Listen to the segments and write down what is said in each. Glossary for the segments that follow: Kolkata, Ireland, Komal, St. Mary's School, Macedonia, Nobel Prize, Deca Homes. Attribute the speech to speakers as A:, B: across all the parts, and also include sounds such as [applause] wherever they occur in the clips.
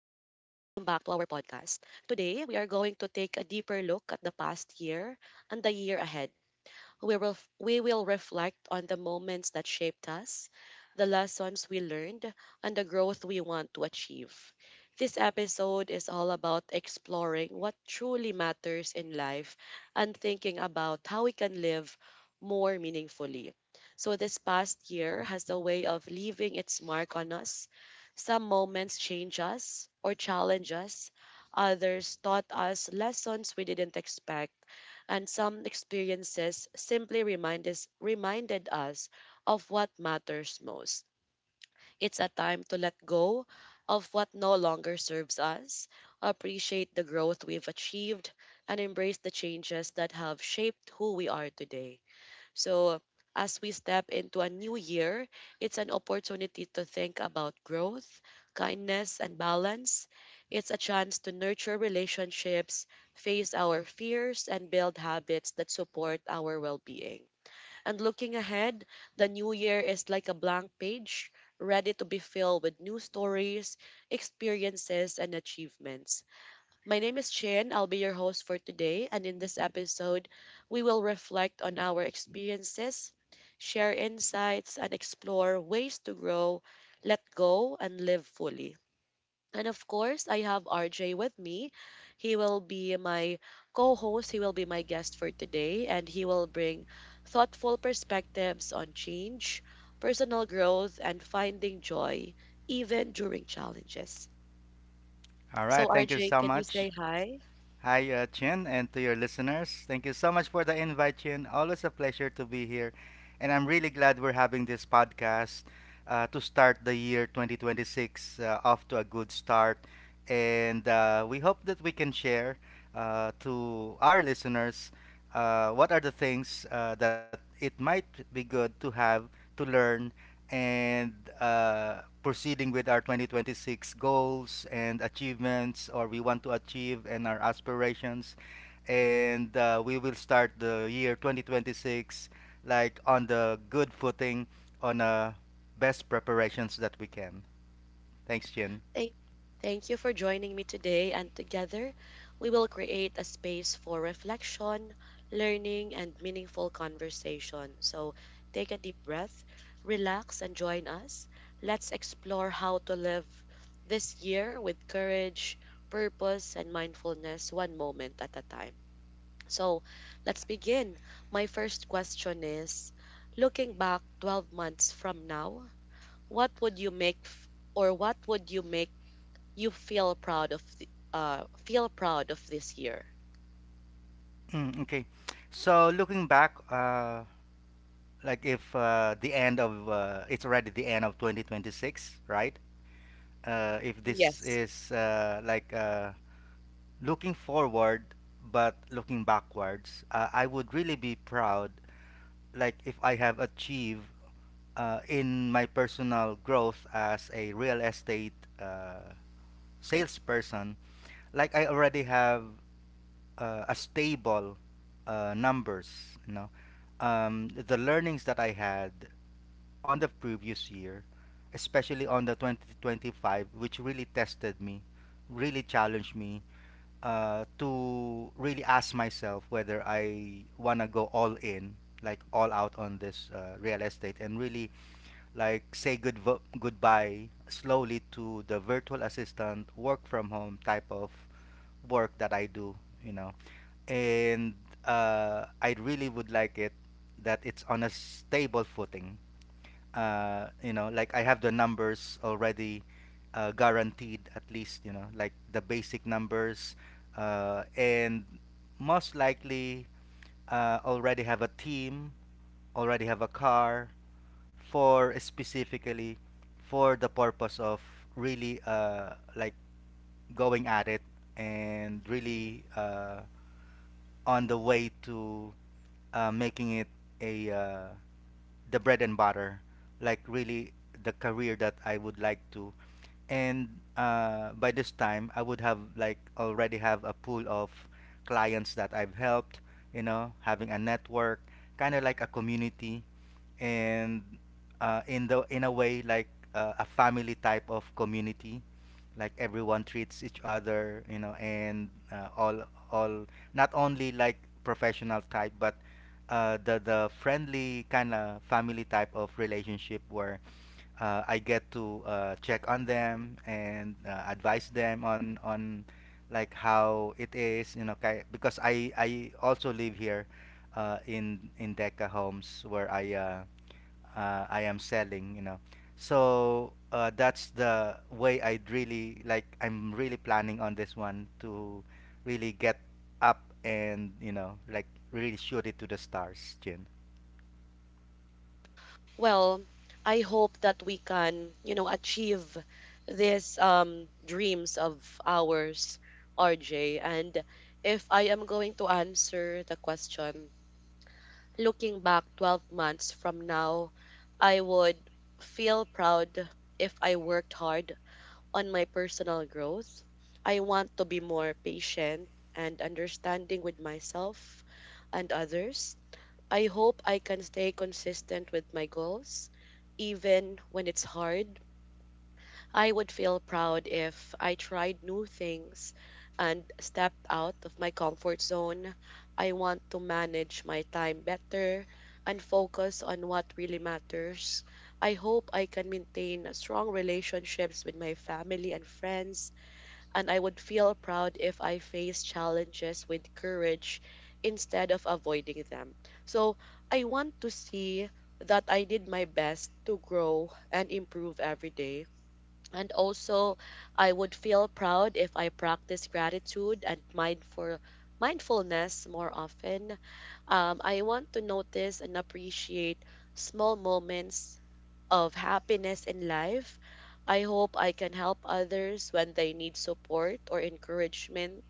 A: back to our podcast. Today, we are going to take a deeper look at the past year and the year ahead. We will reflect on the moments that shaped us, the lessons we learned, and the growth we want to achieve. This episode is all about exploring what truly matters in life and thinking about how we can live more meaningfully. So, this past year has a way of leaving its mark on us. Some moments change us or challenge us, others taught us lessons we didn't expect, and some experiences simply reminded us of what matters most. It's a time to let go of what no longer serves us, appreciate the growth we've achieved, and embrace the changes that have shaped who we are today. So, as we step into a new year, it's an opportunity to think about growth, kindness, and balance. It's a chance to nurture relationships, face our fears, and build habits that support our well being. And looking ahead, the new year is like a blank page, ready to be filled with new stories, experiences, and achievements. My name is Chin. I'll be your host for today. And in this episode, we will reflect on our experiences, share insights, and explore ways to grow, let go, and live fully. And of course, I have RJ with me. He will be my co host, he will be my guest for today, and he will bring thoughtful perspectives on change, personal growth, and finding joy, even during challenges.
B: All right,
A: So,
B: thank you
A: RJ,
B: so
A: can you
B: much.
A: say hi?
B: Hi, Chin, and to your listeners. Thank you so much for the invite, Chin. Always a pleasure to be here. And I'm really glad we're having this podcast to start the year 2026 off to a good start. And we hope that we can share to our listeners what are the things that it might be good to have to learn and proceeding with our 2026 goals and achievements or we want to achieve and our aspirations and we will start the year 2026 like on the good footing on best preparations that we can. Thanks, Jin.
A: Thank, Thank you for joining me today, and together we will create a space for reflection, learning, and meaningful conversation. So take a deep breath, relax, and join us. Let's explore how to live this year with courage, purpose, and mindfulness one moment at a time. So let's begin. My first question is, looking back 12 months from now, what would you make f- what would you make you feel proud of feel proud of this year?
B: Mm, okay, so looking back, like if the end of it's already the end of 2026, right? If this
A: Yes.
B: is looking forward but looking backwards, I would really be proud like if I have achieved in my personal growth as a real estate uh, salesperson, like I already have a stable numbers, you know. The learnings that I had on the previous year, especially on the 2025, which really tested me, really challenged me, to really ask myself whether I want to go all in, like all out on this real estate, and really like say goodbye slowly to the virtual assistant work from home type of work that I do, you know. And I really would like it that it's on a stable footing, you know, like I have the numbers already guaranteed, at least, you know, like the basic numbers, and most likely already have a team, already have a car for specifically for the purpose of really like going at it and really on the way to making it a the bread and butter, like really the career that I would like to. And by this time, I would have like already have a pool of clients that I've helped. You know, having a network, kind of like a community, and in the in a way like a family type of community, like everyone treats each other, you know, and all not only like professional type, but the friendly kind of family type of relationship where I get to check on them and advise them on like how it is, you know, because I also live here in Deca Homes where I am selling, you know. So that's the way I'd really like. I'm really planning on this one to really get up and, you know, like really shoot it to the stars, Jin.
A: Well, I hope that we can, you know, achieve these dreams of ours, RJ. And if I am going to answer the question, looking back 12 months from now, I would feel proud if I worked hard on my personal growth. I want to be more patient and understanding with myself and others. I hope I can stay consistent with my goals, even when it's hard. I would feel proud if I tried new things and stepped out of my comfort zone. I want to manage my time better and focus on what really matters. I hope I can maintain strong relationships with my family and friends, and I would feel proud if I face challenges with courage instead of avoiding them. So I want to see that I did my best to grow and improve every day. And also, I would feel proud if I practice gratitude and mindfulness more often. I want to notice and appreciate small moments of happiness in life. I hope I can help others when they need support or encouragement.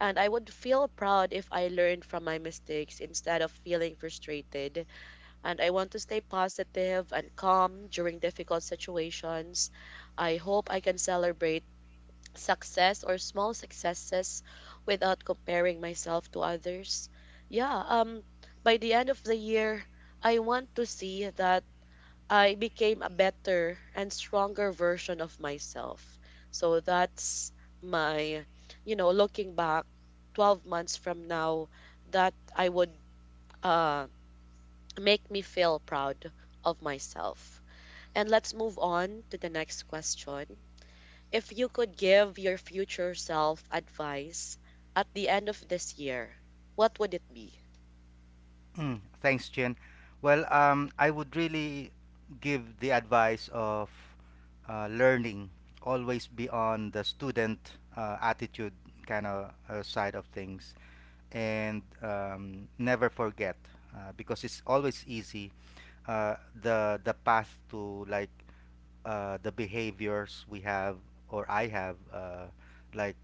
A: And I would feel proud if I learned from my mistakes instead of feeling frustrated. And I want to stay positive and calm during difficult situations. I hope I can celebrate success or small successes without comparing myself to others. Yeah, by the end of the year, I want to see that I became a better and stronger version of myself. So that's my, you know, looking back 12 months from now, that I would uh, make me feel proud of myself. And let's move on to the next question. If you could give your future self advice at the end of this year, what would it be?
B: Mm, thanks, Jin. Well, I would really give the advice of learning, always be on the student attitude kind of side of things, and never forget because it's always easy, uh, the path to like the behaviors we have or I have, like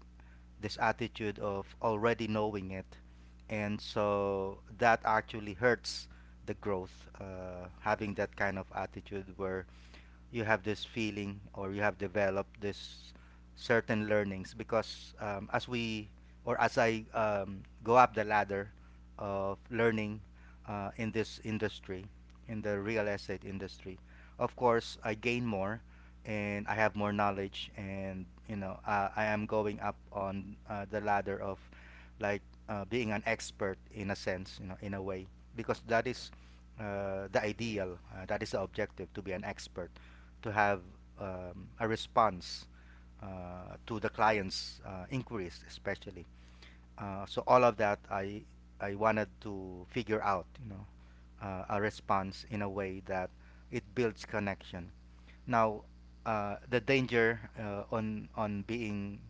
B: this attitude of already knowing it, and so that actually hurts the growth, having that kind of attitude where you have this feeling or you have developed this certain learnings, because as we or as I go up the ladder of learning in this industry, in the real estate industry, of course I gain more and I have more knowledge, and you know I am going up on the ladder of like being an expert in a sense, you know, in a way, because that is the ideal, that is the objective, to be an expert, to have a response to the client's inquiries, especially. So all of that, I wanted to figure out, you know, a response in a way that it builds connection. Now, the danger on being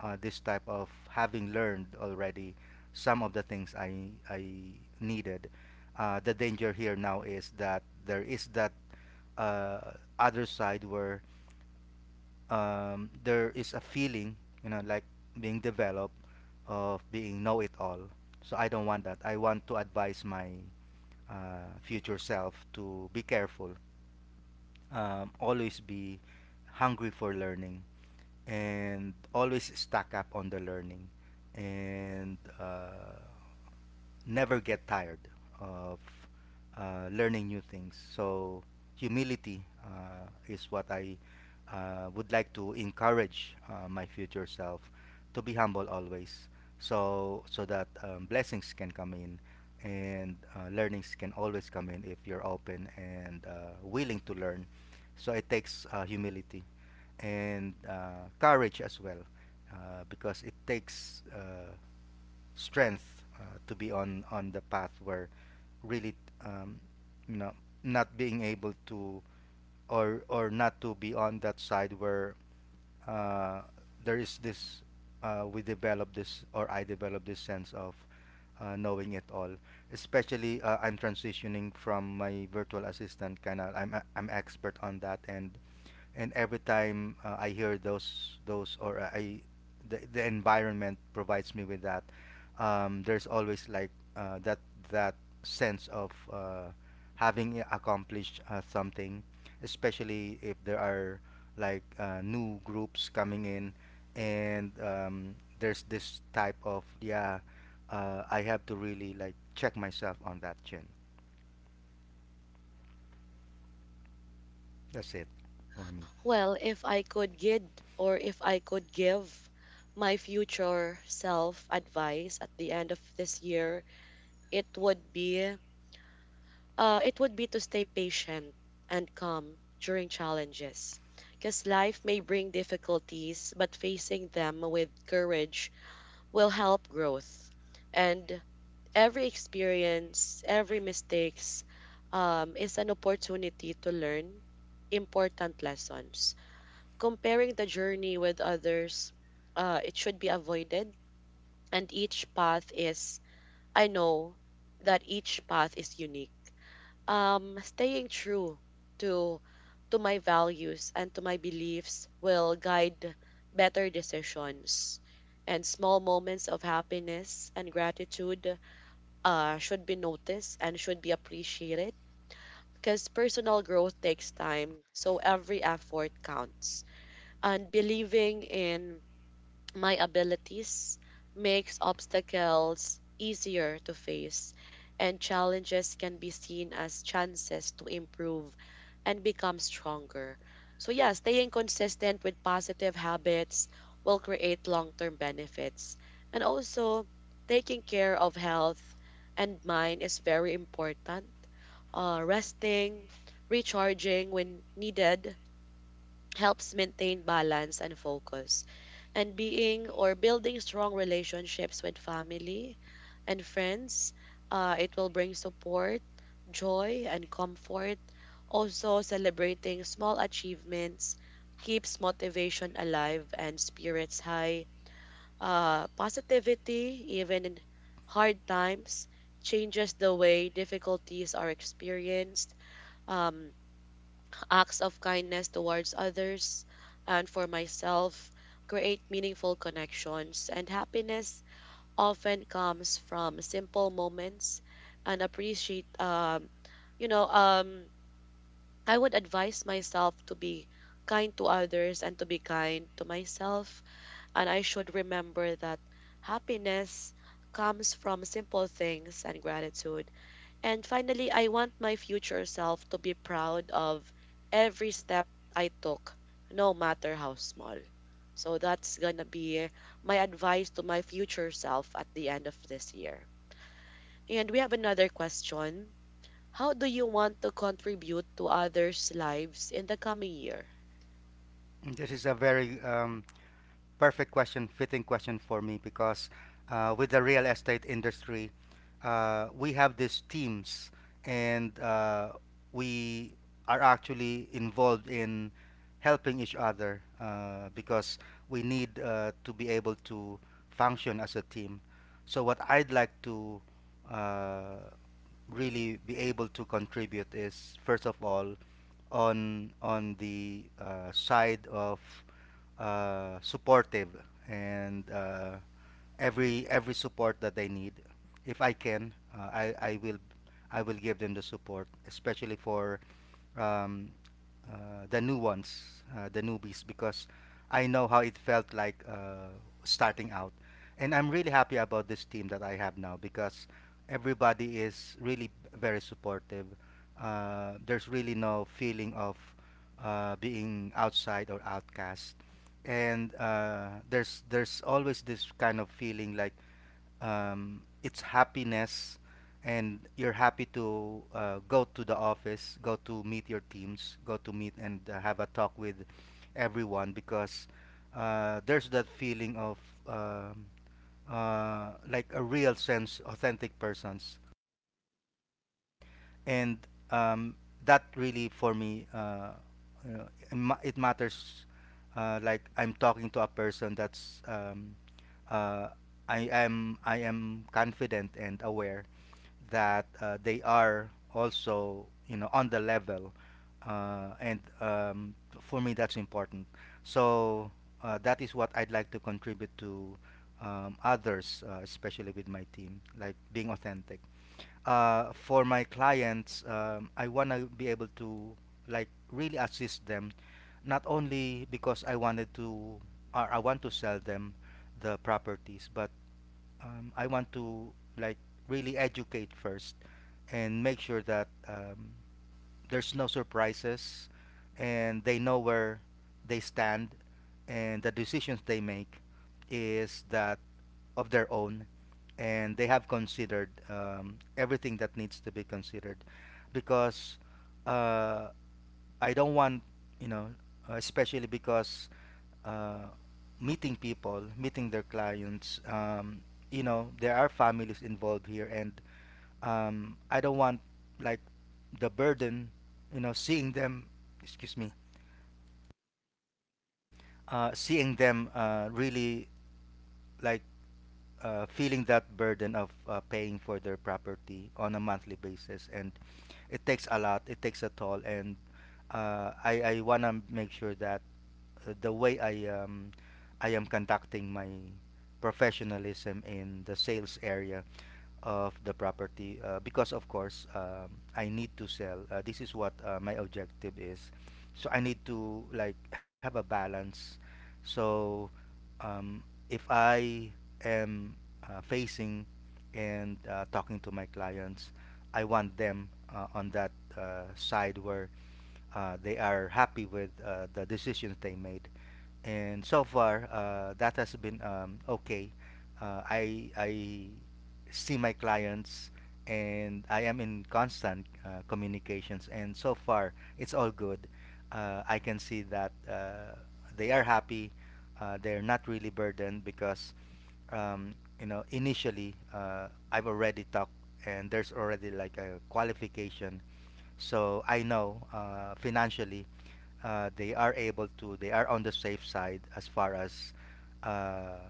B: this type of having learned already some of the things I needed. The danger here now is that there is that uh, other side where there is a feeling, you know, like being developed, of being know it all. So I don't want that. I want to advise my future self to be careful, always be hungry for learning, and always stack up on the learning, and never get tired of learning new things. So humility is what I would like to encourage my future self to be humble always, so so that blessings can come in and learnings can always come in if you're open and willing to learn. So it takes humility and courage as well, because it takes strength to be on the path where really um, you know, not being able to or not to be on that side where uh, there is this we develop this or I develop this sense of knowing it all, especially I'm transitioning from my virtual assistant kind of I'm expert on that, and every time I hear those or I the, environment provides me with that, there's always like that that sense of having accomplished something, especially if there are like new groups coming in, and there's this type of, yeah, I have to really like check myself on that, Chin. That's it for me.
A: Well, if I could guide or if I could give my future self advice at the end of this year, it would be it would be to stay patient and calm during challenges. Because life may bring difficulties, but facing them with courage will help growth. And every experience, every mistakes is an opportunity to learn important lessons. Comparing the journey with others, it should be avoided. And I know that each path is unique. Staying true to to my values and to my beliefs will guide better decisions. And small moments of happiness and gratitude should be noticed and should be appreciated because personal growth takes time. So every effort counts. And believing in my abilities makes obstacles easier to face, and challenges can be seen as chances to improve and become stronger. So yeah, staying consistent with positive habits will create long-term benefits. And also, taking care of health and mind is very important. Resting, recharging when needed, helps maintain balance and focus. And being or building strong relationships with family and friends, it will bring support, joy, and comfort. Also, celebrating small achievements keeps motivation alive and spirits high. Positivity, even in hard times, changes the way difficulties are experienced. Um, Acts of kindness towards others and for myself create meaningful connections, and happiness often comes from simple moments and appreciate you know um I would advise myself to be kind to others and to be kind to myself, and I should remember that happiness comes from simple things and gratitude. And finally, I want my future self to be proud of every step I took, no matter how small. So that's gonna be my advice to my future self at the end of this year. And we have another question. How do you want to contribute to others' lives in the coming year?
B: This is a very perfect question, fitting question for me, because with the real estate industry, we have these teams and we are actually involved in helping each other, because we need to be able to function as a team. So, what I'd like to uh, really be able to contribute is first of all on the side of supportive and every support that they need. If I can, I will give them the support, especially for um, the new ones, the newbies, because I know how it felt like starting out, and I'm really happy about this team that I have now because everybody is really very supportive. There's really no feeling of being outside or outcast, and there's always this kind of feeling like it's happiness, and you're happy to go to the office, go to meet your teams, go to meet and have a talk with everyone, because there's that feeling of um like a real sense, authentic persons, and um, that really for me, you know, it matters like I'm talking to a person that's uh, I am confident and aware that they are also, you know, on the level, and for me that's important. So that is what I'd like to contribute to others, especially with my team, like being authentic. For my clients, I want to be able to like really assist them, not only because I wanted to or I want to sell them the properties, but I want to like really educate first and make sure that there's no surprises, and they know where they stand, and the decisions they make is that of their own, and they have considered everything that needs to be considered, because uh, I don't want, you know, especially because uh, meeting people, meeting their clients. You know, there are families involved here, and I don't want like the burden, you know, seeing them, excuse me, seeing them really like feeling that burden of paying for their property on a monthly basis, and it takes a lot, it takes a toll, and I want to make sure that the way I am conducting my professionalism in the sales area of the property, because of course I need to sell, this is what my objective is, so I need to like have a balance. So um, if I am facing and talking to my clients, I want them on that side where they are happy with the decisions they made, and so far that has been okay. I see my clients and I am in constant communications, and so far it's all good. I can see that they are happy. They're not really burdened because um, initially I've already talked, and there's already like a qualification, so I know financially they are able to, they are on the safe side as far as uh,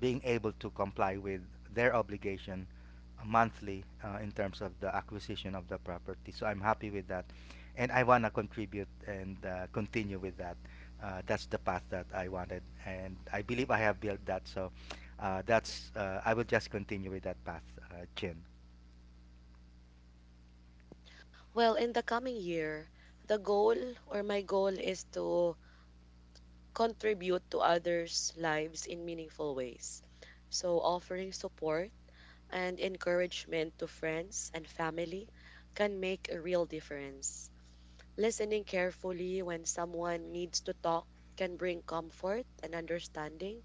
B: being able to comply with their obligation monthly in terms of the acquisition of the property. So I'm happy with that. And I want to contribute and continue with that. That's the path that I wanted. And I believe I have built that. So I will just continue with that path, Jin.
A: Well, in the coming year, the goal or my goal is to contribute to others' lives in meaningful ways. So, offering support and encouragement to friends and family can make a real difference. Listening carefully when someone needs to talk can bring comfort and understanding.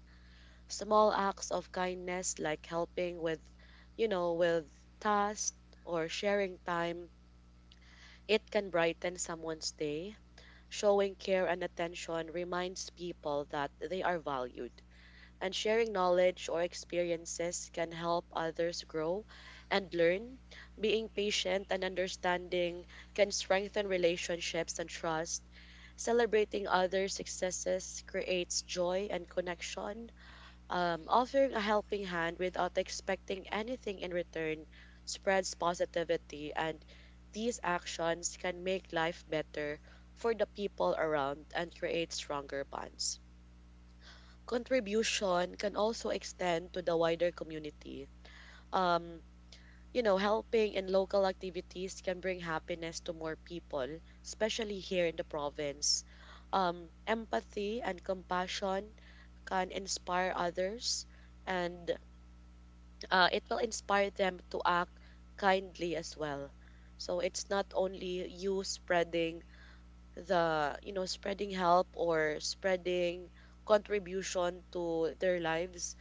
A: Small acts of kindness like helping with, you know, with tasks or sharing time, it can brighten someone's day. Showing care and attention reminds people that they are valued, and sharing knowledge or experiences can help others grow and learn. Being patient and understanding can strengthen relationships and trust. Celebrating others' successes creates joy and connection. Offering a helping hand without expecting anything in return spreads positivity, and these actions can make life better for the people around and create stronger bonds. Contribution can also extend to the wider community. Um, you know, helping in local activities can bring happiness to more people, especially here in the province. Empathy and compassion can inspire others, and it will inspire them to act kindly as well. So it's not only you spreading the, you know, spreading help or spreading contribution to their lives,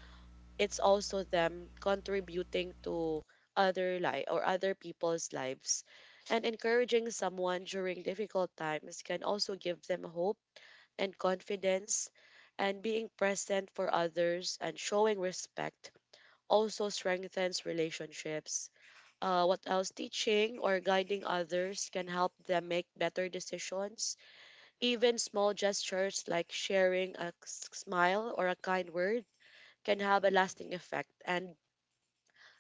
A: it's also them contributing to other life or other people's lives. And encouraging someone during difficult times can also give them hope and confidence, and being present for others and showing respect also strengthens relationships. What else, teaching or guiding others can help them make better decisions. Even small gestures like sharing smile or a kind word can have a lasting effect, and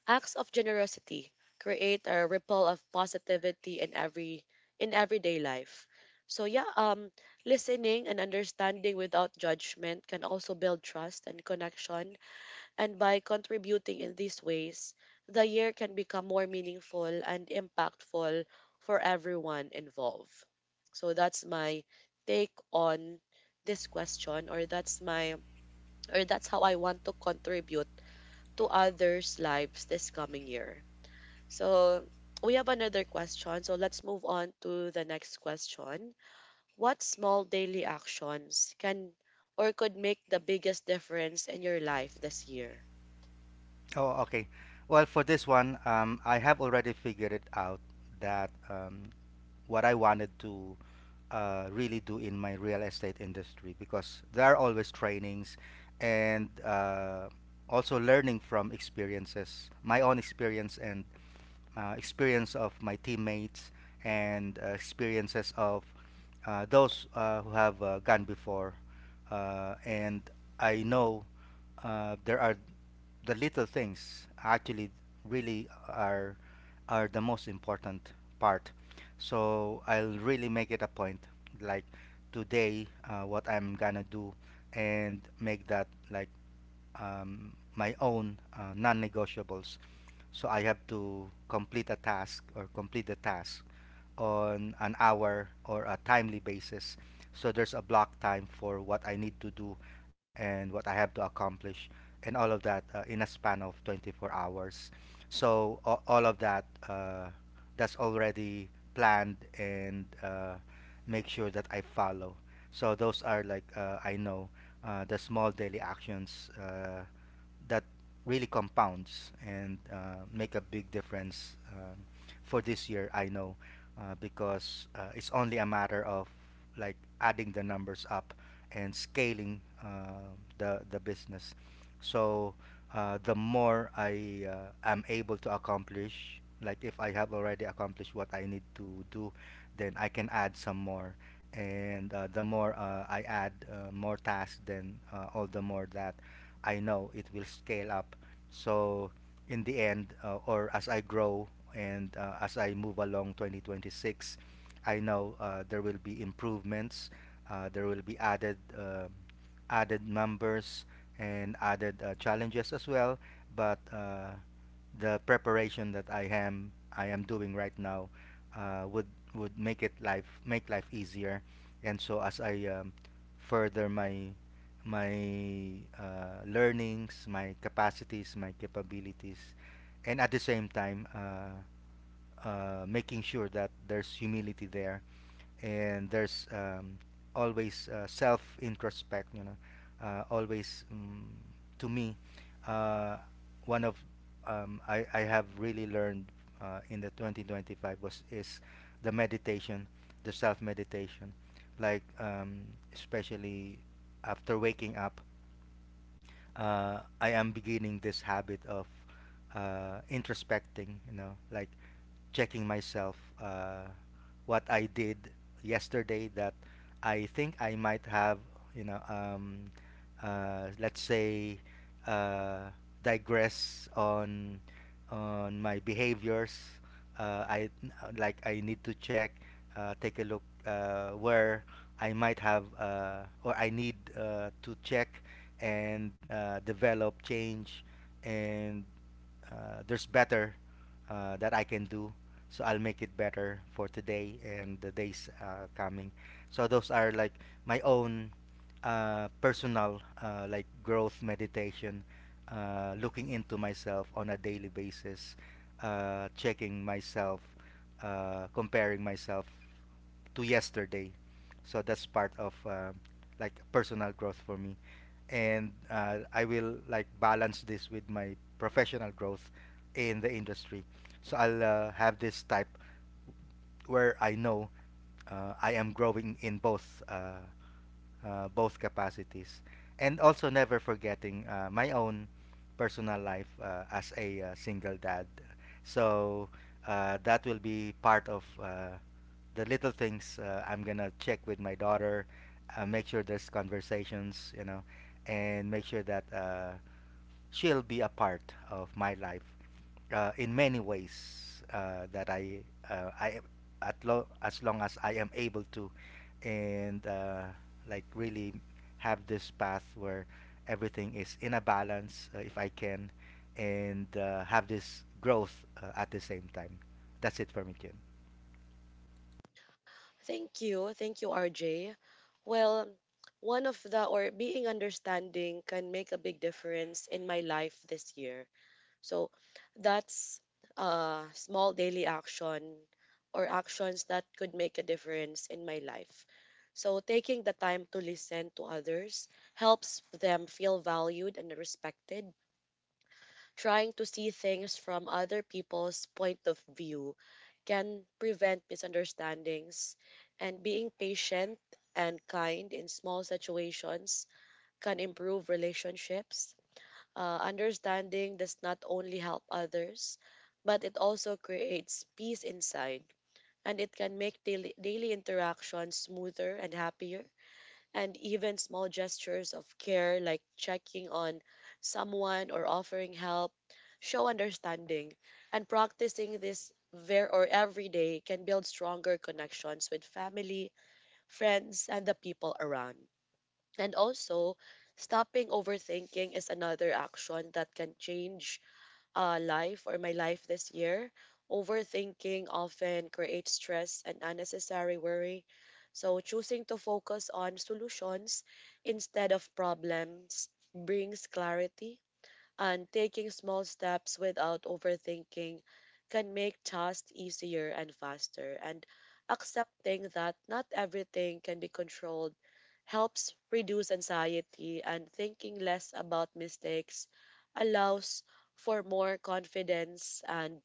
A: acts of generosity create a ripple of positivity in everyday life. So yeah, listening and understanding without judgment can also build trust and connection, and by contributing in these ways, the year can become more meaningful and impactful for everyone involved. So that's my take on this question, or that's my or that's how I want to contribute to others' lives this coming year. So we have another question. So let's move on to the next question. What small daily actions can or could make the biggest difference in your life this year?
B: Oh, okay. Well, for this one, I have already figured it out that what I wanted to really do in my real estate industry, because there are always trainings and also learning from experiences, my own experience and experience of my teammates and experiences of those who have gone before. And I know there are the little things actually really are the most important part. So I'll really make it a point, like today, what I'm gonna do, and make that like my own non-negotiables. So I have to complete a task or complete the task on an hour or a timely basis. So there's a block time for what I need to do and what I have to accomplish, and all of that in a span of 24 hours. So all of that that's already planned, and make sure that I follow. So those are like I know the small daily actions that really compounds and make a big difference for this year. I know because it's only a matter of like adding the numbers up and scaling the business. So the more I am able to accomplish, like if I have already accomplished what I need to do, then I can add some more. And the more I add more tasks, then all the more that I know it will scale up. So in the end, or as I grow and as I move along 2026, I know there will be improvements. There will be added added numbers and added challenges as well. But the preparation that I am doing right now uh, would would make it life make life easier, and so as I further my my learnings, my capacities, my capabilities, and at the same time making sure that there's humility there and there's always self introspect, always, to me, uh, one of, I have really learned in the 2025 was is the meditation, the self meditation, like especially after waking up. I am beginning this habit of introspecting, you know, like checking myself, what I did yesterday that I think I might have, you know, um, let's say, uh, digress on my behaviors. I like I need to check, take a look where I might have, or I need to check and develop change. And there's better that I can do, so I'll make it better for today and the days coming. So those are like my own personal, like growth meditation, looking into myself on a daily basis, checking myself, comparing myself to yesterday. So that's part of like personal growth for me, and I will like balance this with my professional growth in the industry. So I'll have this type where I know I am growing in both capacities, and also never forgetting my own personal life as a single dad. So that will be part of the little things I'm gonna check with my daughter, make sure there's conversations, you know, and make sure that she'll be a part of my life in many ways that I at as long as I am able to. And like really have this path where everything is in a balance if I can, and have this growth at the same time. That's it for me, Ken.
A: Thank you. Thank you, RJ. Well, one of the or being understanding can make a big difference in my life this year. So that's small daily action or actions that could make a difference in my life. So taking the time to listen to others helps them feel valued and respected. Trying to see things from other people's point of view can prevent misunderstandings, and being patient and kind in small situations can improve relationships. Understanding does not only help others, but it also creates peace inside, and it can make daily, interactions smoother and happier. And even small gestures of care, like checking on someone or offering help, show understanding. And practicing this ver- or every day can build stronger connections with family, friends, and the people around. And also, stopping overthinking is another action that can change life or my life this year. Overthinking often creates stress and unnecessary worry. So, choosing to focus on solutions instead of problems brings clarity, and taking small steps without overthinking can make tasks easier and faster. And accepting that not everything can be controlled helps reduce anxiety, and thinking less about mistakes allows for more confidence and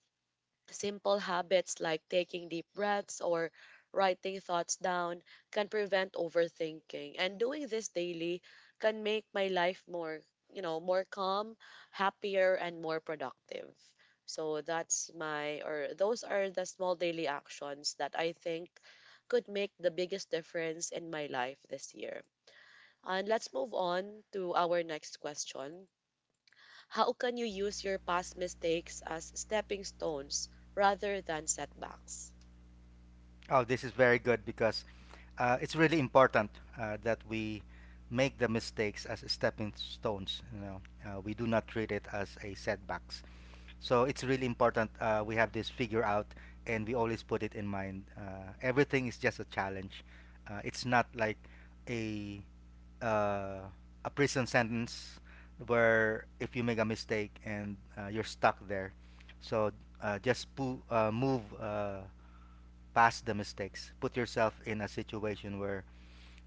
A: simple habits like taking deep breaths or writing thoughts down can prevent overthinking. And doing this daily can make my life more, more calm, happier, and more productive. So that's my, or those are the small daily actions that I think could make the biggest difference in my life this year. And let's move on to our next question. How can you use your past mistakes as stepping stones rather than setbacks?
B: Oh, this is very good, because it's really important that we make the mistakes as stepping stones. You know, we do not treat it as a setbacks. So it's really important we have this figure out, and we always put it in mind. Everything is just a challenge. It's not like a uh, a prison sentence where if you make a mistake and you're stuck there. So just move past the mistakes. Put yourself in a situation where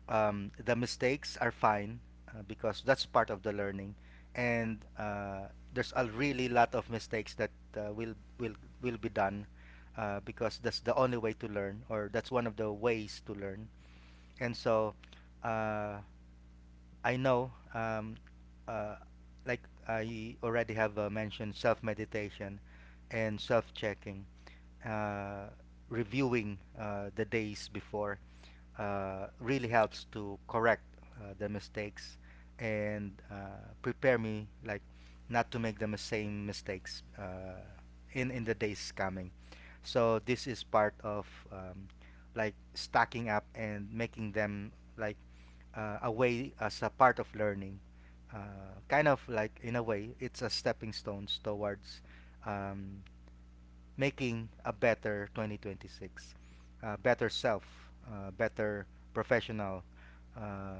B: the mistakes are fine because that's part of the learning, and there's a really lot of mistakes that uh, will will will be done because that's the only way to learn, or that's one of the ways to learn. And so uh, I know. Uh, like I already have mentioned self meditation and self checking, uh, reviewing the days before really helps to correct the mistakes and prepare me like not to make the same mistakes in the days coming. So this is part of um, like stacking up and making them like a way as a part of learning. Kind of like in a way, it's a stepping stones towards um, making a better 2026, better self, better professional uh,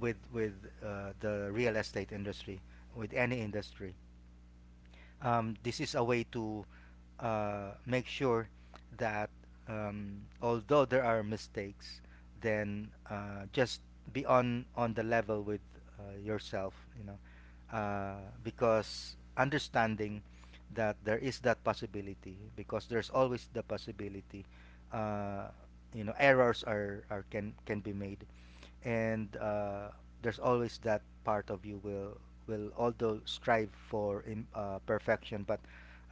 B: with the real estate industry, with any industry. This is a way to make sure that although there are mistakes, then just be on the level with yourself, you know, because understanding that there is that possibility, because there's always the possibility, uh, you know, errors are, can be made, and there's always that part of you will although strive for in, perfection, but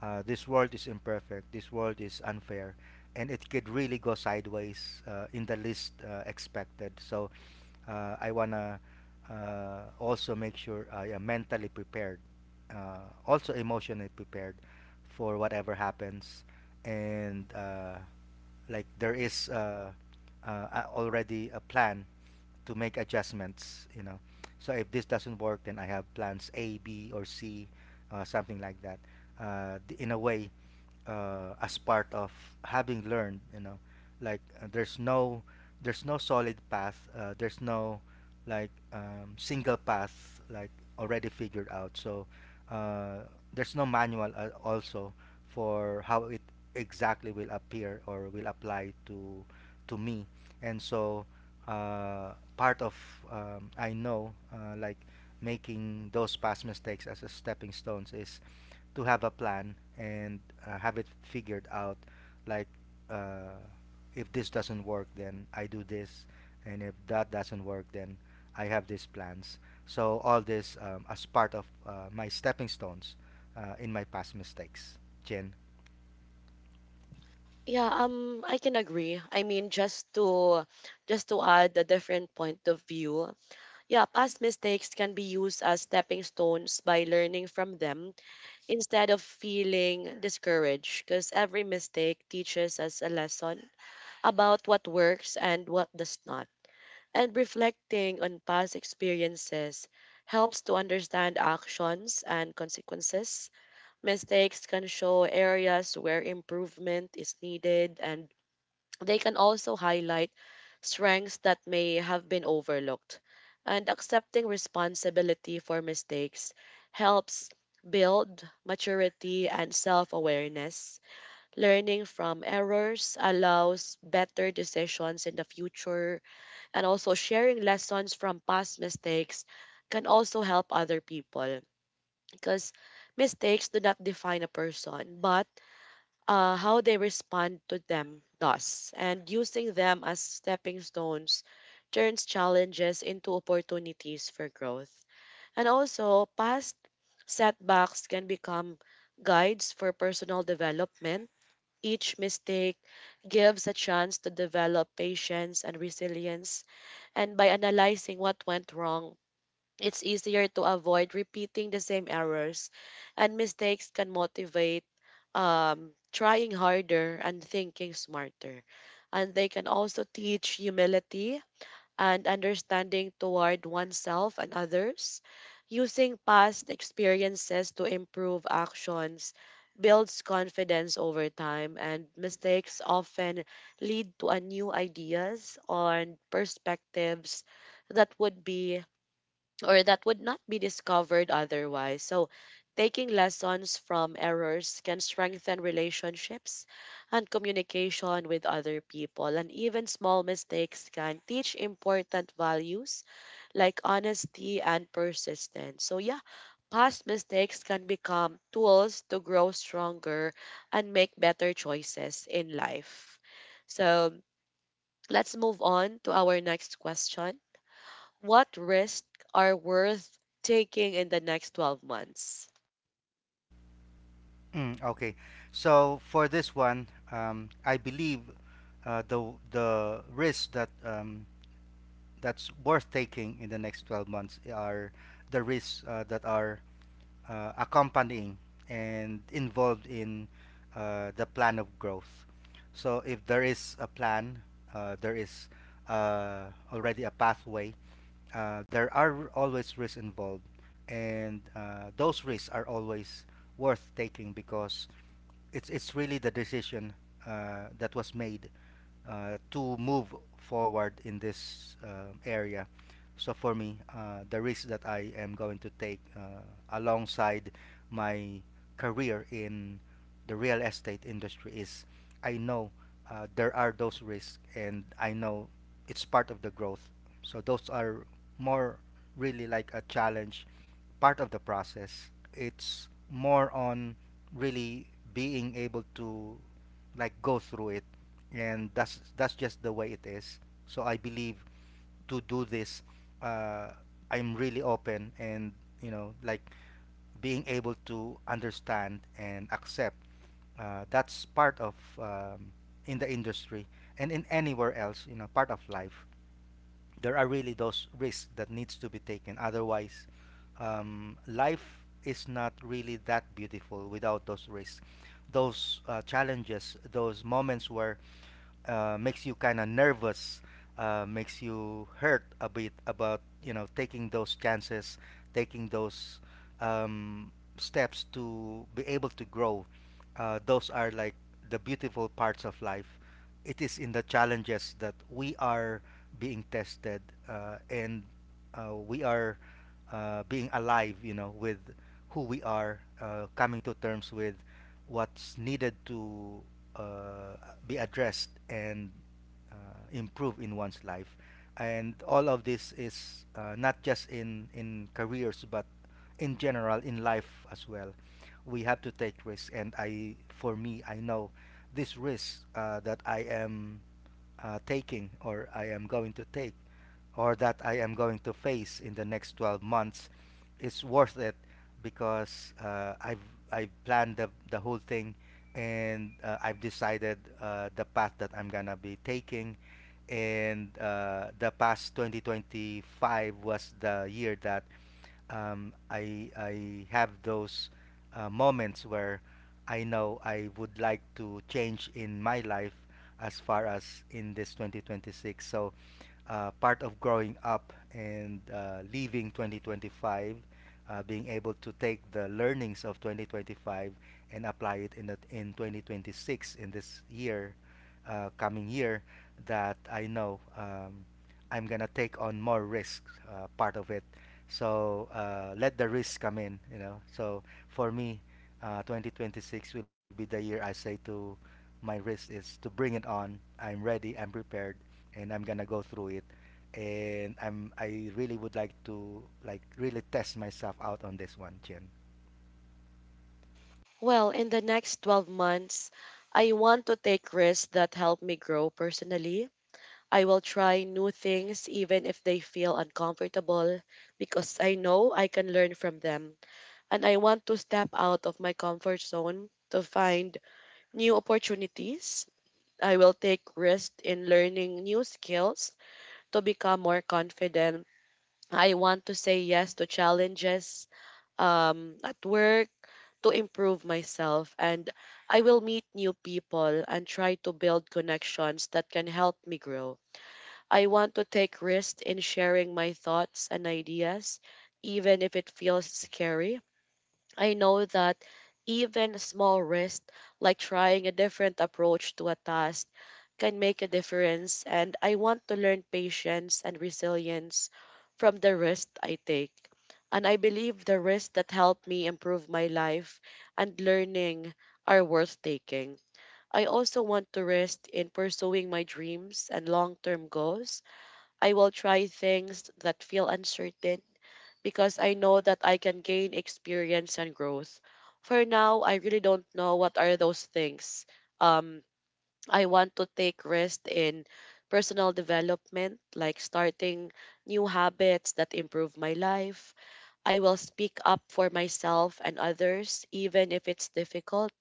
B: this world is imperfect, this world is unfair, and it could really go sideways in the least expected. So I want to also make sure I am mentally prepared, uh, also emotionally prepared for whatever happens. And like there is already a plan to make adjustments, you know. So if this doesn't work, then I have plans A, B, or C, something like that. In a way, as part of having learned, you know, like there's no solid path, there's no like single path like already figured out. So uh, there's no manual also for how it exactly will appear or will apply to me. And so part of I know like making those past mistakes as a stepping stones is to have a plan and have it figured out, like uh, if this doesn't work then I do this, and if that doesn't work then I have these plans. So all this, as part of my stepping stones in my past mistakes, Jen.
A: Yeah, I can agree. I mean, just to add a different point of view. Yeah, past mistakes can be used as stepping stones by learning from them instead of feeling discouraged, because every mistake teaches us a lesson about what works and what does not. And reflecting on past experiences helps to understand actions and consequences. Mistakes can show areas where improvement is needed, and they can also highlight strengths that may have been overlooked. And accepting responsibility for mistakes helps build maturity and self awareness. Learning from errors allows better decisions in the future, and also sharing lessons from past mistakes can also help other people, because mistakes do not define a person, but how they respond to them does, and using them as stepping stones turns challenges into opportunities for growth. And also, past setbacks can become guides for personal development. Each mistake gives a chance to develop patience and resilience, and by analyzing what went wrong, it's easier to avoid repeating the same errors, and mistakes can motivate trying harder and thinking smarter. And they can also teach humility and understanding toward oneself and others. Using past experiences to improve actions builds confidence over time, and mistakes often lead to a new ideas, or perspectives that would be or that would not be discovered otherwise. So, taking lessons from errors can strengthen relationships and communication with other people. And even small mistakes can teach important values like honesty and persistence. So, yeah, past mistakes can become tools to grow stronger and make better choices in life. So, let's move on to our next question. What risks are worth taking in the next 12 months?
B: Mm, okay, so for this one I believe the risks that that's worth taking in the next 12 months are the risks that are accompanying and involved in the plan of growth. So if there is a plan, there is uh, already a pathway. There are always risks involved, and those risks are always worth taking because it's really the decision that was made to move forward in this area. So for me, the risk that I am going to take alongside my career in the real estate industry is I know there are those risks, and I know it's part of the growth. So those are more really like a challenge, part of the process. It's more on really being able to like go through it, and that's just the way it is. So I believe to do this, uh, I'm really open and you know like being able to understand and accept. That's part of um, in the industry and in anywhere else, you know, part of life. There are really those risks that needs to be taken. Otherwise, life is not really that beautiful without those risks, those challenges, those moments where makes you kind of nervous, makes you hurt a bit about, you know, taking those chances, taking those um, steps to be able to grow. Those are like the beautiful parts of life. It is in the challenges that we are being tested, and we are being alive, you know, with who we are, coming to terms with what's needed to uh, be addressed and improve in one's life. And all of this is not just in careers, but in general in life as well. We have to take risks, and I for me I know this risk that I am taking, or I am going to take, or that I am going to face in the next 12 months is worth it because I've planned the whole thing, and I've decided the path that I'm gonna be taking. And the past 2025 was the year that I have those moments where I know I would like to change in my life as far as in this 2026. So part of growing up and leaving 2025, being able to take the learnings of 2025 and apply it in 2026, in this year, coming year, that I know I'm gonna take on more risk part of it. So let the risk come in, you know. So for me, 2026 will be the year I say to my risk is to bring it on. I'm ready. I'm prepared, and I'm gonna go through it. And I really would like to like really test myself out on this one, Jen.
A: Well, in the next 12 months, I want to take risks that help me grow personally. I will try new things even if they feel uncomfortable, because I know I can learn from them. And I want to step out of my comfort zone to find new opportunities. I will take risks in learning new skills to become more confident. I want to say yes to challenges at work to improve myself. And I will meet new people and try to build connections that can help me grow. I want to take risks in sharing my thoughts and ideas, even if it feels scary. I know that even a small risk, like trying a different approach to a task, can make a difference, and I want to learn patience and resilience from the risk I take. And I believe the risks that help me improve my life and learning are worth taking. I also want to rest in pursuing my dreams and long term goals. I will try things that feel uncertain, because I know that I can gain experience and growth. For now, I really don't know what are those things. Um, I want to take rest in personal development, like starting new habits that improve my life. I will speak up for myself and others, even if it's difficult.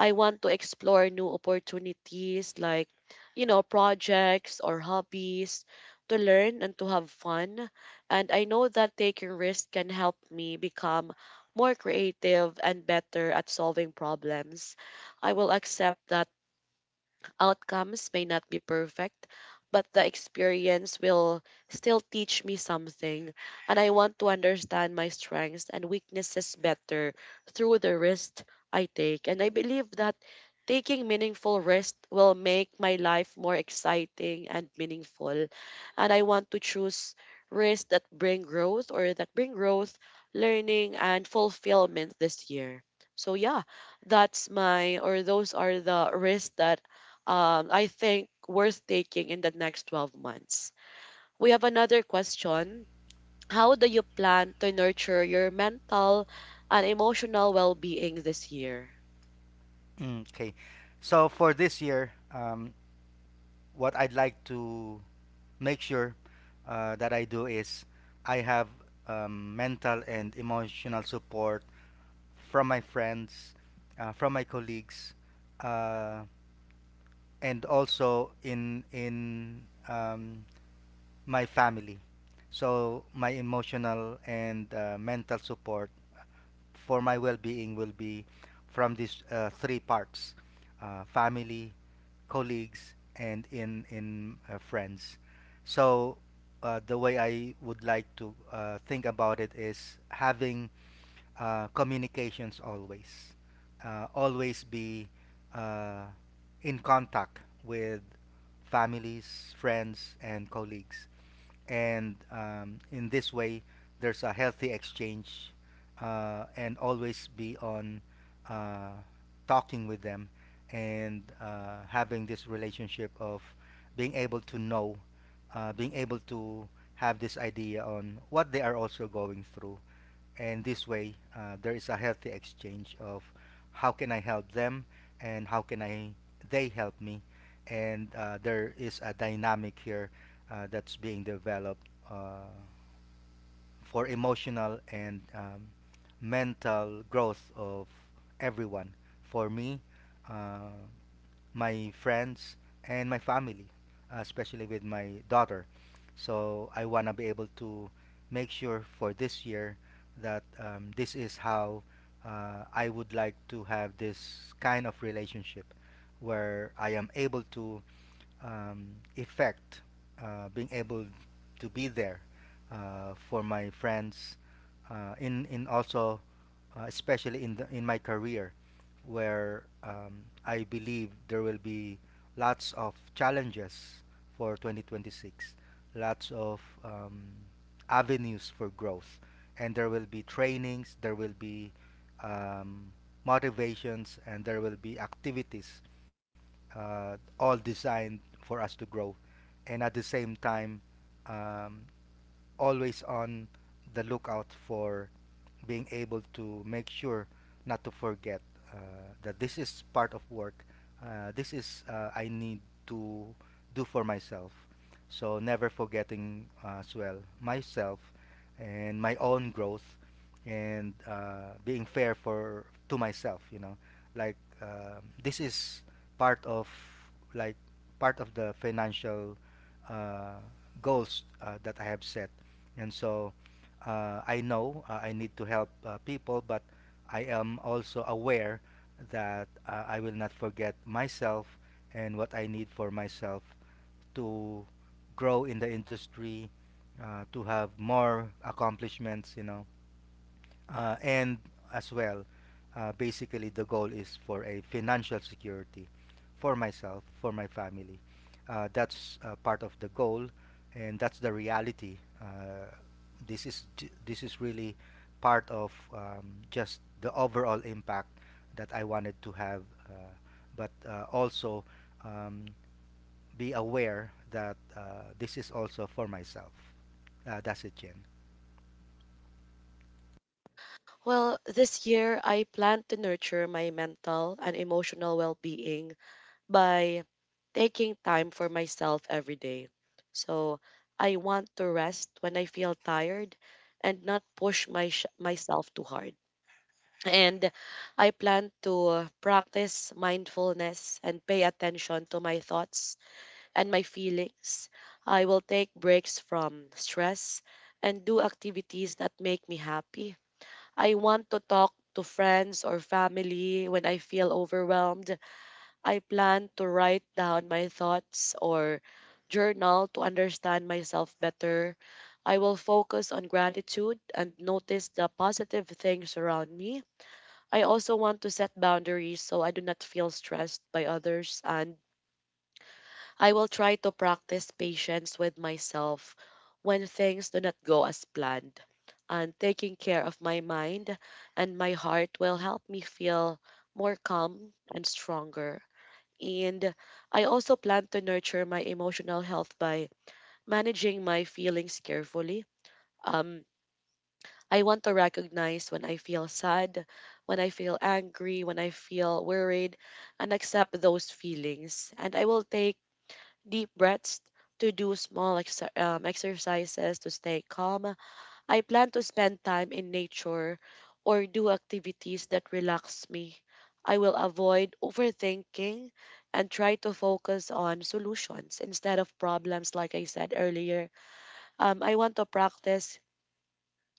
A: I want to explore new opportunities like, projects or hobbies to learn and to have fun. And I know that taking risks can help me become more creative and better at solving problems. I will accept that outcomes may not be perfect, but the experience will still teach me something, and I want to understand my strengths and weaknesses better through the risks I take. And I believe that taking meaningful risks will make my life more exciting and meaningful. And I want to choose risks that bring growth, or that bring growth, learning, and fulfillment this year. So, yeah, that's my, or those are the risks that I think worth taking in the next 12 months. We have another question. How do you plan to nurture your mental and emotional well being this year?
B: Okay, so for this year, what I'd like to make sure that I do is I have mental and emotional support from my friends, from my colleagues, uh, and also in um, my family. So my emotional and mental support for my well-being will be from these three parts: family, colleagues, and in friends. So the way I would like to think about it is having communications always, always be uh, in contact with families, friends, and colleagues. And in this way there's a healthy exchange, and always be on uh, talking with them, and having this relationship of being able to know, being able to have this idea on what they are also going through. And this way there is a healthy exchange of how can I help them and how can I they help me. And there is a dynamic here that's being developed for emotional and mental growth of everyone, for me, uh, my friends, and my family, especially with my daughter. So I want to be able to make sure for this year that this is how I would like to have this kind of relationship, where I am able to effect, being able to be there for my friends, in also especially in my career, where I believe there will be lots of challenges for 2026, lots of avenues for growth, and there will be trainings, there will be um, motivations, and there will be activities, all designed for us to grow, and at the same time. Um, Always on the lookout for being able to make sure not to forget uh, that this is part of work. This is I need to do for myself. So never forgetting as well myself and my own growth, and being fair for to myself. You know, like this is part of like part of the financial uh, goals that I have set. And so I know I need to help people, but I am also aware that I will not forget myself and what I need for myself to grow in the industry, to have more accomplishments, you know, and as well, basically the goal is for a financial security for myself, for my family. That's part of the goal, and that's the reality. This is really part of just the overall impact that I wanted to have, uh, but also um, be aware that this is also for myself. That's it, Jen.
A: Well, this year I plan to nurture my mental and emotional well being by taking time for myself every day. So I want to rest when I feel tired and not push my, myself too hard. And I plan to practice mindfulness and pay attention to my thoughts and my feelings. I will take breaks from stress and do activities that make me happy. I want to talk to friends or family when I feel overwhelmed. I plan to write down my thoughts or journal to understand myself better. I will focus on gratitude and notice the positive things around me. I also want to set boundaries so I do not feel stressed by others, and I will try to practice patience with myself when things do not go as planned. And taking care of my mind and my heart will help me feel more calm and stronger. And I also plan to nurture my emotional health by managing my feelings carefully. Um, I want to recognize when I feel sad, when I feel angry, when I feel worried, and accept those feelings. And I will take deep breaths to do small exercises to stay calm. I plan to spend time in nature or do activities that relax me. I will avoid overthinking and try to focus on solutions instead of problems, like I said earlier. I want to practice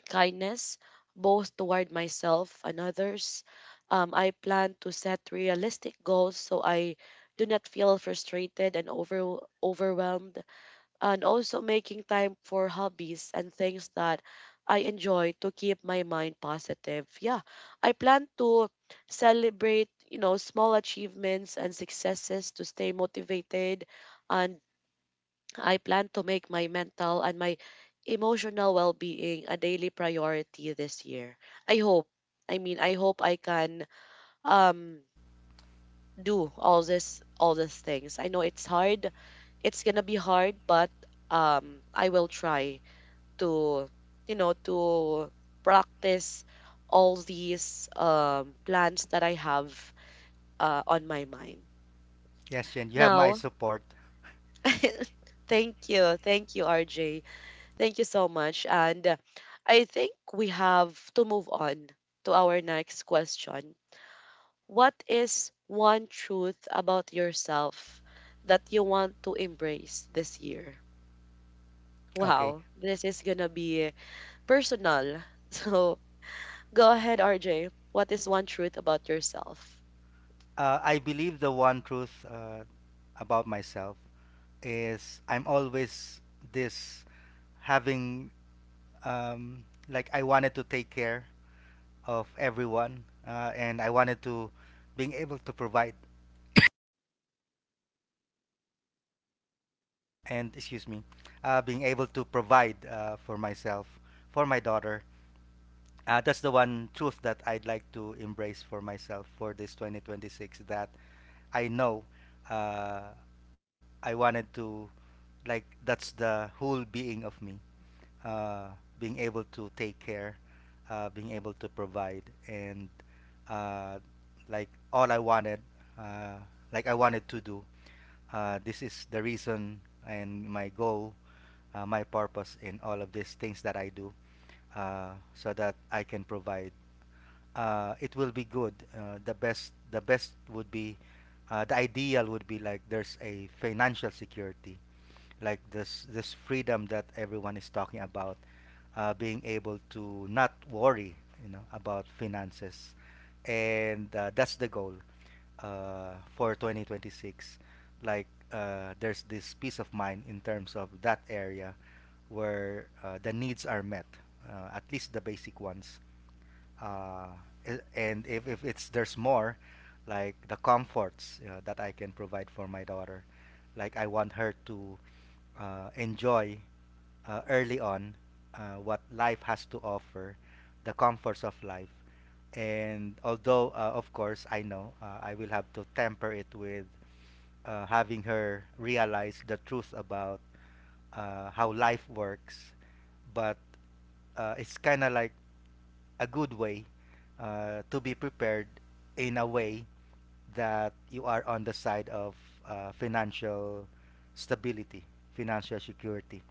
A: kindness, both toward myself and others. I plan to set realistic goals so I do not feel frustrated and overwhelmed, and also making time for hobbies and things that I enjoy to keep my mind positive. Yeah, I plan to celebrate, small achievements and successes to stay motivated, and I plan to make my mental and my emotional well being a daily priority this year. I hope. I mean, I hope I can um, do all this, all these things. I know it's hard. It's gonna be hard, but I will try to, you know, to practice all these plans that I have on my mind.
B: Yes, Jen, you have my
A: Now,
B: support.
A: [laughs] thank you, RJ. Thank you so much. And I think we have to move on to our next question. What is one truth about yourself that you want to embrace this year?
B: Okay.
A: Wow, this is going to be personal. [laughs] So go ahead, RJ. What is one truth about yourself?
B: I believe the one truth about myself is I'm always this having like I wanted to take care of everyone, and I wanted to being able to provide and excuse me, being able to provide for myself, for my daughter. Uh, that's the one truth that I'd like to embrace for myself for this 2026, that I know uh, I wanted to, like that's the whole being of me, uh, being able to take care, being able to provide, and uh, like all I wanted, uh, like I wanted to do. This is the reason and my goal, my purpose in all of these things that I do, so that I can provide. It will be good. The best would be, the ideal would be like there's a financial security, like this freedom that everyone is talking about, being able to not worry, you know, about finances. And that's the goal for 2026. Like there's this peace of mind in terms of that area where the needs are met, at least the basic ones. uh, and if it's there's more, like the comforts that I can provide for my daughter, like I want her to enjoy early on what life has to offer, the comforts of life. And although of course I know I will have to temper it with having her realize the truth about how life works. But it's kind of like a good way to be prepared in a way that you are on the side of financial stability, financial security,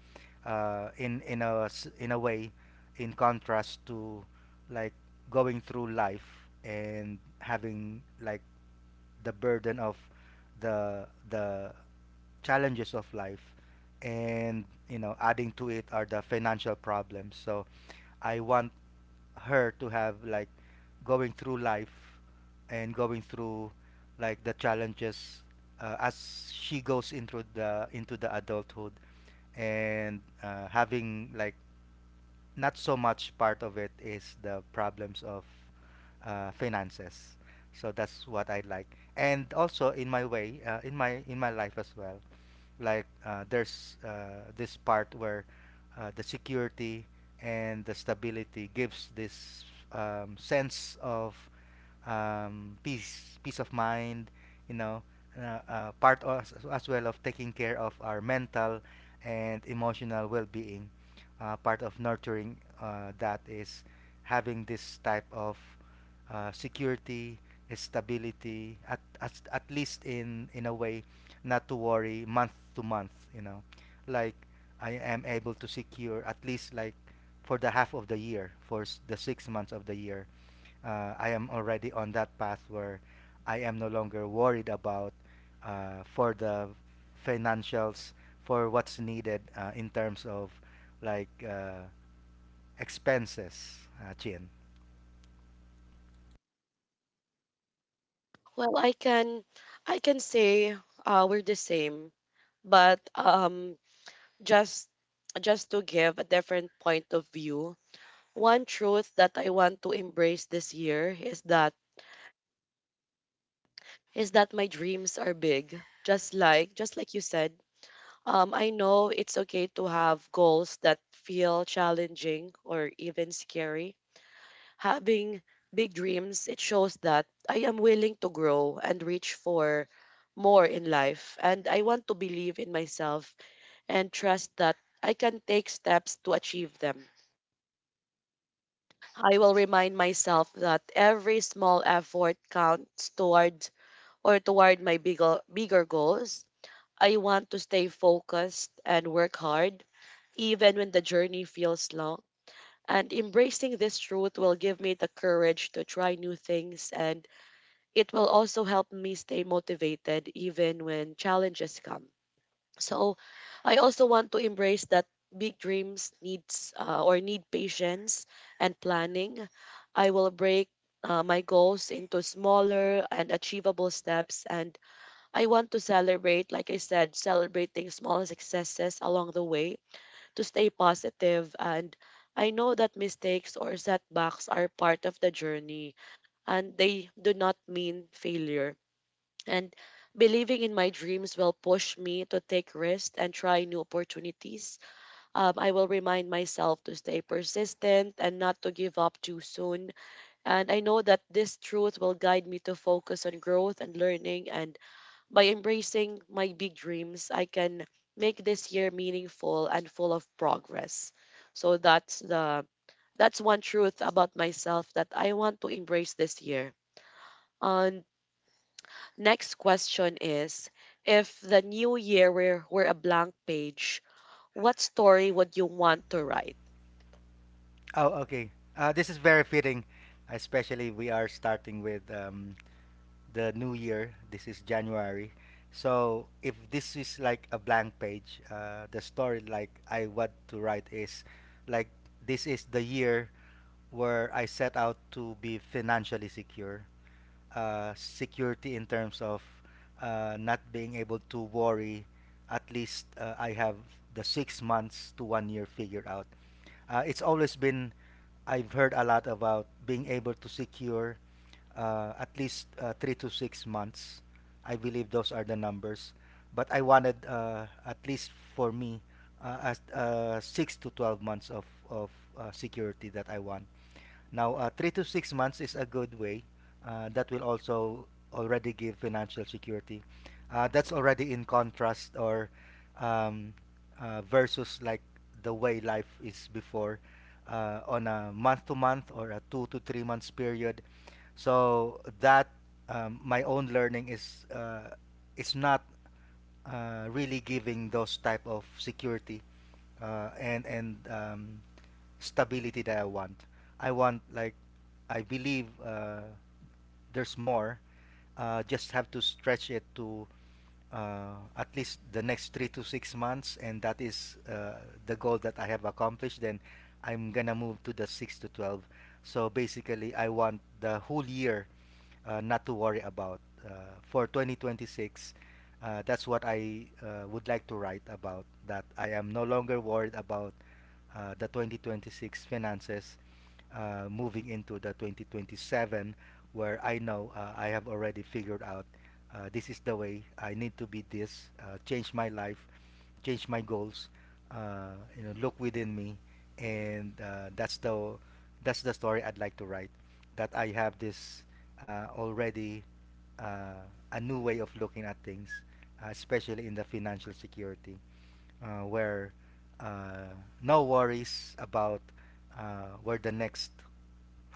B: in a way, in contrast to like going through life and having like the burden of the challenges of life, and you know, adding to it are the financial problems. So I want her to have like going through life and going through like the challenges as she goes into the adulthood, and having like not so much part of it is the problems of finances. So that's what I like. And also in my way, in my life as well, like there's this part where the security and the stability gives this sense of peace, peace of mind. You know, part as well of taking care of our mental and emotional well-being, part of nurturing that is having this type of security, stability, at least in a way, not to worry month to month. You know, like I am able to secure at least like for the half of the year, the 6 months of the year, I am already on that path where I am no longer worried about for the financials, for what's needed in terms of like expenses, Chin.
A: Well, I can say we're the same, but just just to give a different point of view. One truth that I want to embrace this year is that my dreams are big. Just like you said, I know it's okay to have goals that feel challenging or even scary. Having big dreams, it shows that I am willing to grow and reach for more in life. And I want to believe in myself and trust that I can take steps to achieve them. I will remind myself that every small effort counts towards or toward my bigger goals. I want to stay focused and work hard, even when the journey feels long. And embracing this truth will give me the courage to try new things, and it will also help me stay motivated even when challenges come. So I also want to embrace that big dreams needs or need patience and planning. I will break my goals into smaller and achievable steps, and I want to celebrate, like I said, celebrating small successes along the way to stay positive. And I know that mistakes or setbacks are part of the journey and they do not mean failure, and believing in my dreams will push me to take risks and try new opportunities. I will remind myself to stay persistent and not to give up too soon. And I know that this truth will guide me to focus on growth and learning. And by embracing my big dreams, I can make this year meaningful and full of progress. So that's the that's one truth about myself that I want to embrace this year. And next question is, if the new year were a blank page, what story would you want to write?
B: Oh, okay. This is very fitting, especially we are starting with the new year. This is January. So if this is like a blank page, the story like I want to write is like this is the year where I set out to be financially secure. Security in terms of not being able to worry. At least I have the 6 months to 1 year figured out. It's always been, I've heard a lot about being able to secure at least 3 to 6 months. I believe those are the numbers. But I wanted, at least for me, six to 12 months of security that I want. Now, 3 to 6 months is a good way. That will also already give financial security. That's already in contrast or um, versus like the way life is before on a month to month or a 2 to 3 months period. So that my own learning is it's not really giving those type of security and stability that I want. I want like I believe there's more. Just have to stretch it to at least the next 3 to 6 months, and that is the goal that I have accomplished. Then I'm gonna move to the 6 to 12. So basically, I want the whole year not to worry about uh, for 2026. That's what I would like to write about. That I am no longer worried about the 2026 finances moving into the 2027, where I know I have already figured out this is the way I need to be this, change my life, change my goals, you know, look within me. And that's the story I'd like to write. That I have this already uh, a new way of looking at things, especially in the financial security, where uh, no worries about where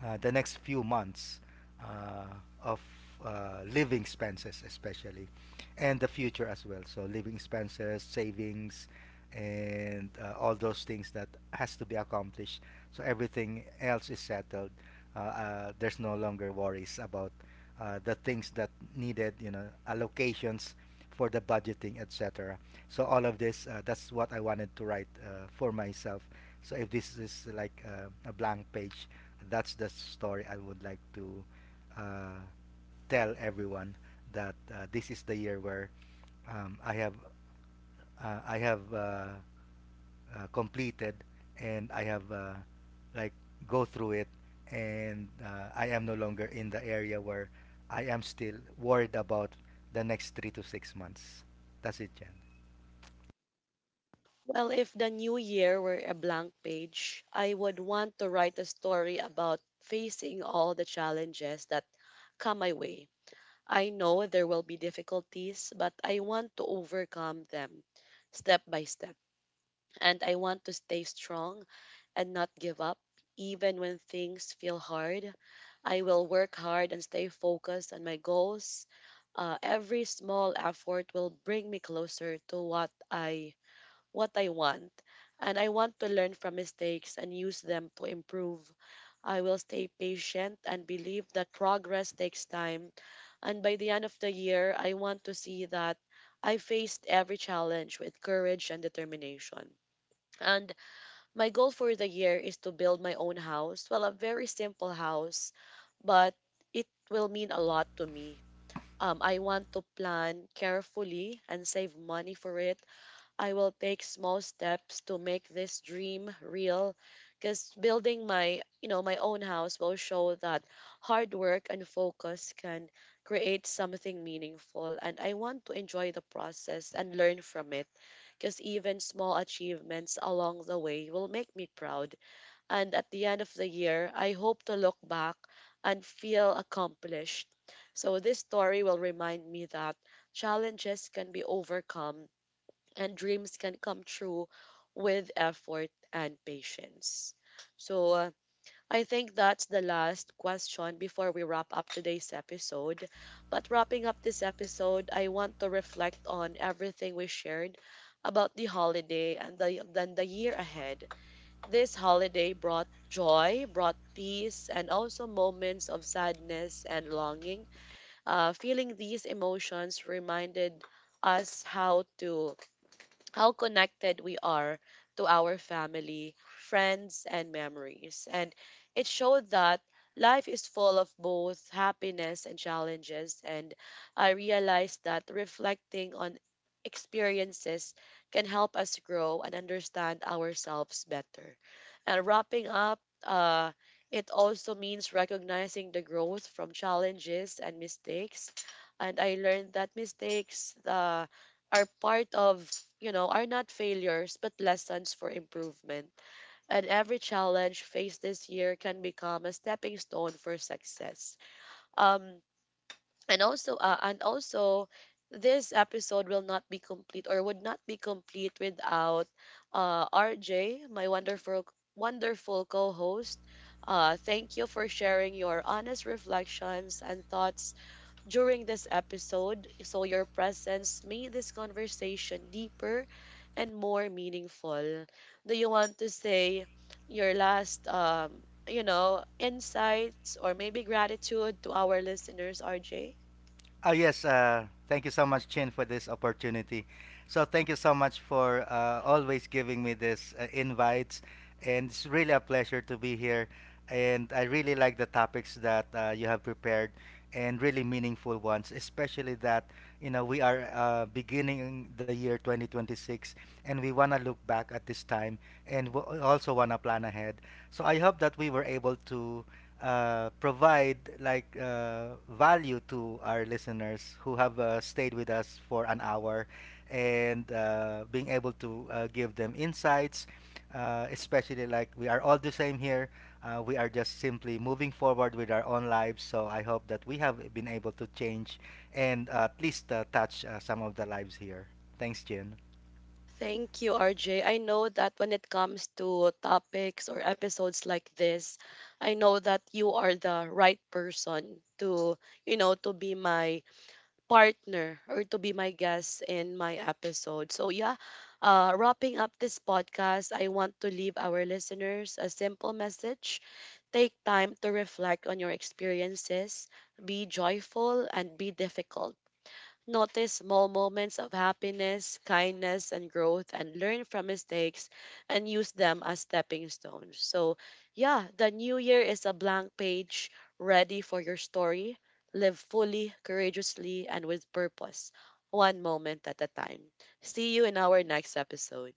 B: the next few months uh, of living expenses, especially, and the future as well. So living expenses, savings, and all those things that has to be accomplished. So everything else is settled. There's no longer worries about the things that needed, you know, allocations for the budgeting, etc. So all of this, that's what I wanted to write for myself. So if this is like a blank page, that's the story I would like to uh, tell everyone that this is the year where I have uh, I have uh, completed and I have like go through it. And I am no longer in the area where I am still worried about the next 3 to 6 months. That's it, Jen.
A: Well, if the new year were a blank page, I would want to write a story about facing all the challenges that come my way. I know there will be difficulties, but I want to overcome them step by step. And I want to stay strong and not give up. Even when things feel hard, I will work hard and stay focused on my goals. Every small effort will bring me closer to what I want, and I want to learn from mistakes and use them to improve. I will stay patient and believe that progress takes time. And by the end of the year, I want to see that I faced every challenge with courage and determination. And my goal for the year is to build my own house. Well, a very simple house, but it will mean a lot to me. I want to plan carefully and save money for it. I will take small steps to make this dream real, because building my, my own house will show that hard work and focus can create something meaningful, and I want to enjoy the process and learn from it, because even small achievements along the way will make me proud. And at the end of the year, I hope to look back and feel accomplished. So this story will remind me that challenges can be overcome and dreams can come true with effort and patience. So, I think that's the last question before we wrap up today's episode. But wrapping up this episode, I want to reflect on everything we shared about the holiday and then the year ahead. This holiday brought joy, brought peace, and also moments of sadness and longing. Feeling these emotions reminded us how connected we are to our family, friends, and memories. And it showed that life is full of both happiness and challenges. And I realized that reflecting on experiences can help us grow and understand ourselves better. And wrapping up, it also means recognizing the growth from challenges and mistakes. And I learned that mistakes are part of, are not failures but lessons for improvement. And every challenge faced this year can become a stepping stone for success. Um, and also, this episode will not be complete, or would not be complete without RJ, my wonderful, wonderful co-host. Thank you for sharing your honest reflections and thoughts during this episode. So, your presence made this conversation deeper and more meaningful. Do you want to say your last, insights, or maybe gratitude to our listeners, RJ?
B: Oh, yes. Thank you so much, Chin, for this opportunity. So, thank you so much for always giving me this invites. And it's really a pleasure to be here. And I really like the topics that you have prepared and really meaningful ones, especially that, you know, we are beginning the year 2026, and we want to look back at this time and we also want to plan ahead. So, I hope that we were able to provide like value to our listeners who have stayed with us for an hour, and being able to give them insights, especially like we are all the same here, we are just simply moving forward with our own lives. So I hope that we have been able to change and at least touch some of the lives here. Thanks, Jin.
A: Thank you, RJ. I know that when it comes to topics or episodes like this, I know that you are the right person to, to be my partner, or to be my guest in my episode. So, yeah, wrapping up this podcast, I want to leave our listeners a simple message. Take time to reflect on your experiences, be joyful, and be difficult. Notice small moments of happiness, kindness, and growth, and learn from mistakes and use them as stepping stones. So, yeah, the new year is a blank page ready for your story. Live fully, courageously, and with purpose, one moment at a time. See you in our next episode.